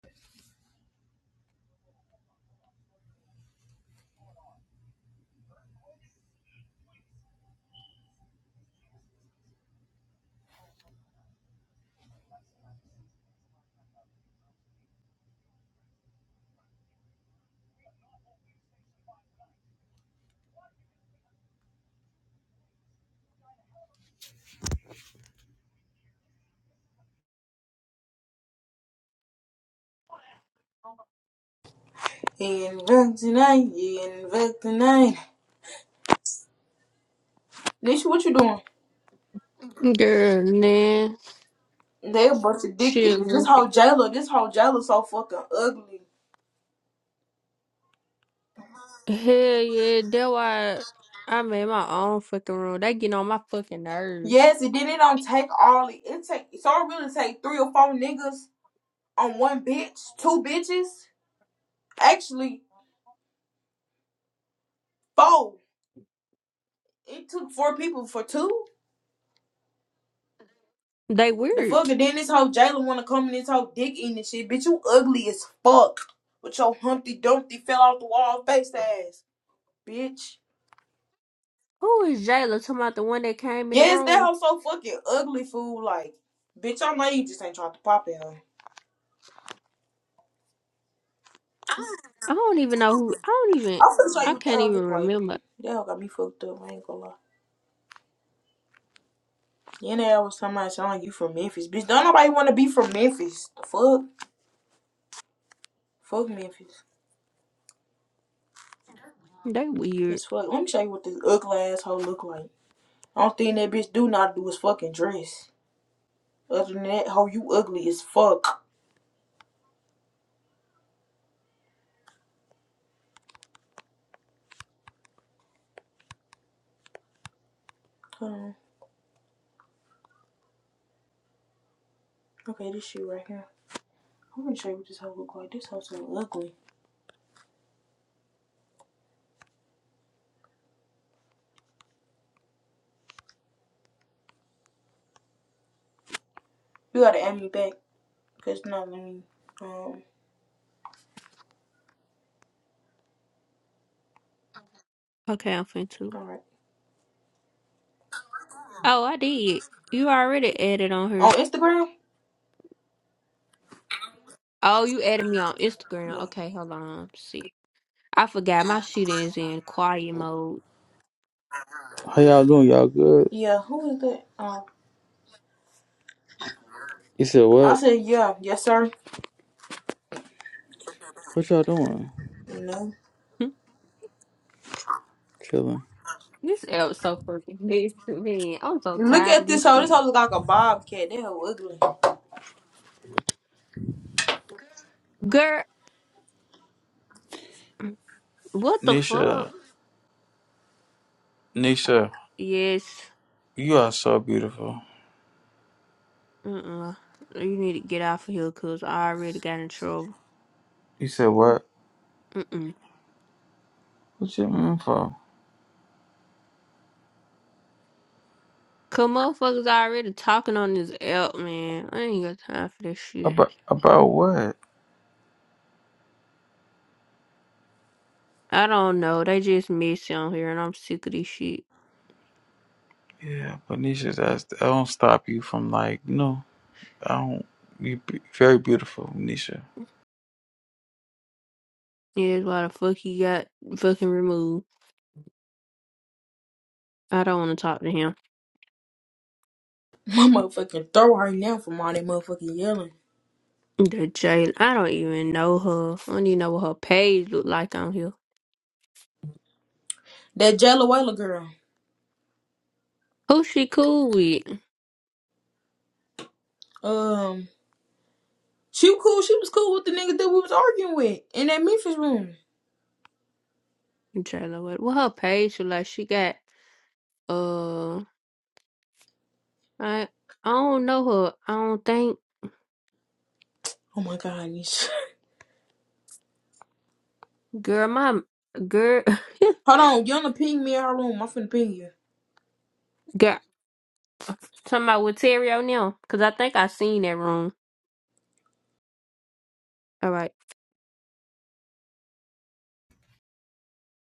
Inventinine, inventinine. Nisha, what you doing? Girl, man, They a bunch dick. Is shit. Hell this whole jailer? This whole jailer so fucking ugly. yeah, that why I made my own fucking room. They get on my fucking nerves. Yes, and then it don't take all it. It take so it really take three or four niggas on one bitch, two bitches. Actually, four. It took four people for two. They The weird. fuck, and then this whole jailer wanna come in this whole dick eating and shit. Bitch, you ugly as fuck. With your Humpty Dumpty fell off the wall face ass, bitch. Who is Jayla talking about the one that came in the Yes, that room? hoe so fucking ugly, fool. Like, bitch, I know you just ain't trying to pop at her. I don't even know who. I don't even. I'm finna show you I what that can't hoe even look like. remember. That hoe got me fucked up. I ain't gonna lie. Then that hoe was somebody telling you from Memphis, bitch. Don't nobody want to be from Memphis. The fuck, fuck Memphis. They weird. It's fuck. Let me show you what this ugly asshole look like. I don't think that bitch do not do is fucking dress. Other than that, hoe, you ugly as fuck. Hold on. Okay, this shit right here. I'm gonna show you what this hoe look like. This hoe so ugly. You gotta add me back, cause no, let me. Um, Okay, I'm finna too. all right. Oh, I did. You already added on On her. Instagram? Oh, you added me on Instagram. Yeah. Okay, hold on. See, I forgot my shit is in quiet mode. How y'all doing? Y'all good? Yeah, who is that? Um, You said I what? said, yeah, yes, sir. What y'all doing? No. Chilling. This app so fucking nice to me. I'm so Look tired at of this this hoe. This shit. hoe look like a bobcat. That hoe ugly. Girl, what the Nisha, fuck? Nisha, Yes. you are so beautiful. Mm-mm. You need to get off of here because I already got in trouble. You said what? Mm-mm. What you mean for? Cause motherfuckers already talking on this app, man. I ain't got time for this shit. About about what? I don't know. They just messy on here and I'm sick of this shit. Yeah, but Nisha, that's I don't stop you from like no, I don't. You be very beautiful, Nisha. Yeah, that's why the fuck he got fucking removed. I don't want to talk to him. My motherfucking throw her now from all that motherfucking yelling. The jail. I don't even know her. I don't even know what her page look like on here. That Jayla Whaler girl. Who she cool with? Um, she was cool. She was cool with the nigga that we was arguing with in that Memphis room. Jayla Wade. Well, her page look like she got uh, I I don't know her. I don't think Oh my god. girl, my girl, Hold on, You wanna ping me in her room. I'm finna ping you. girl. Talking about with Terry O'Neill, cause I think I seen that room. All right.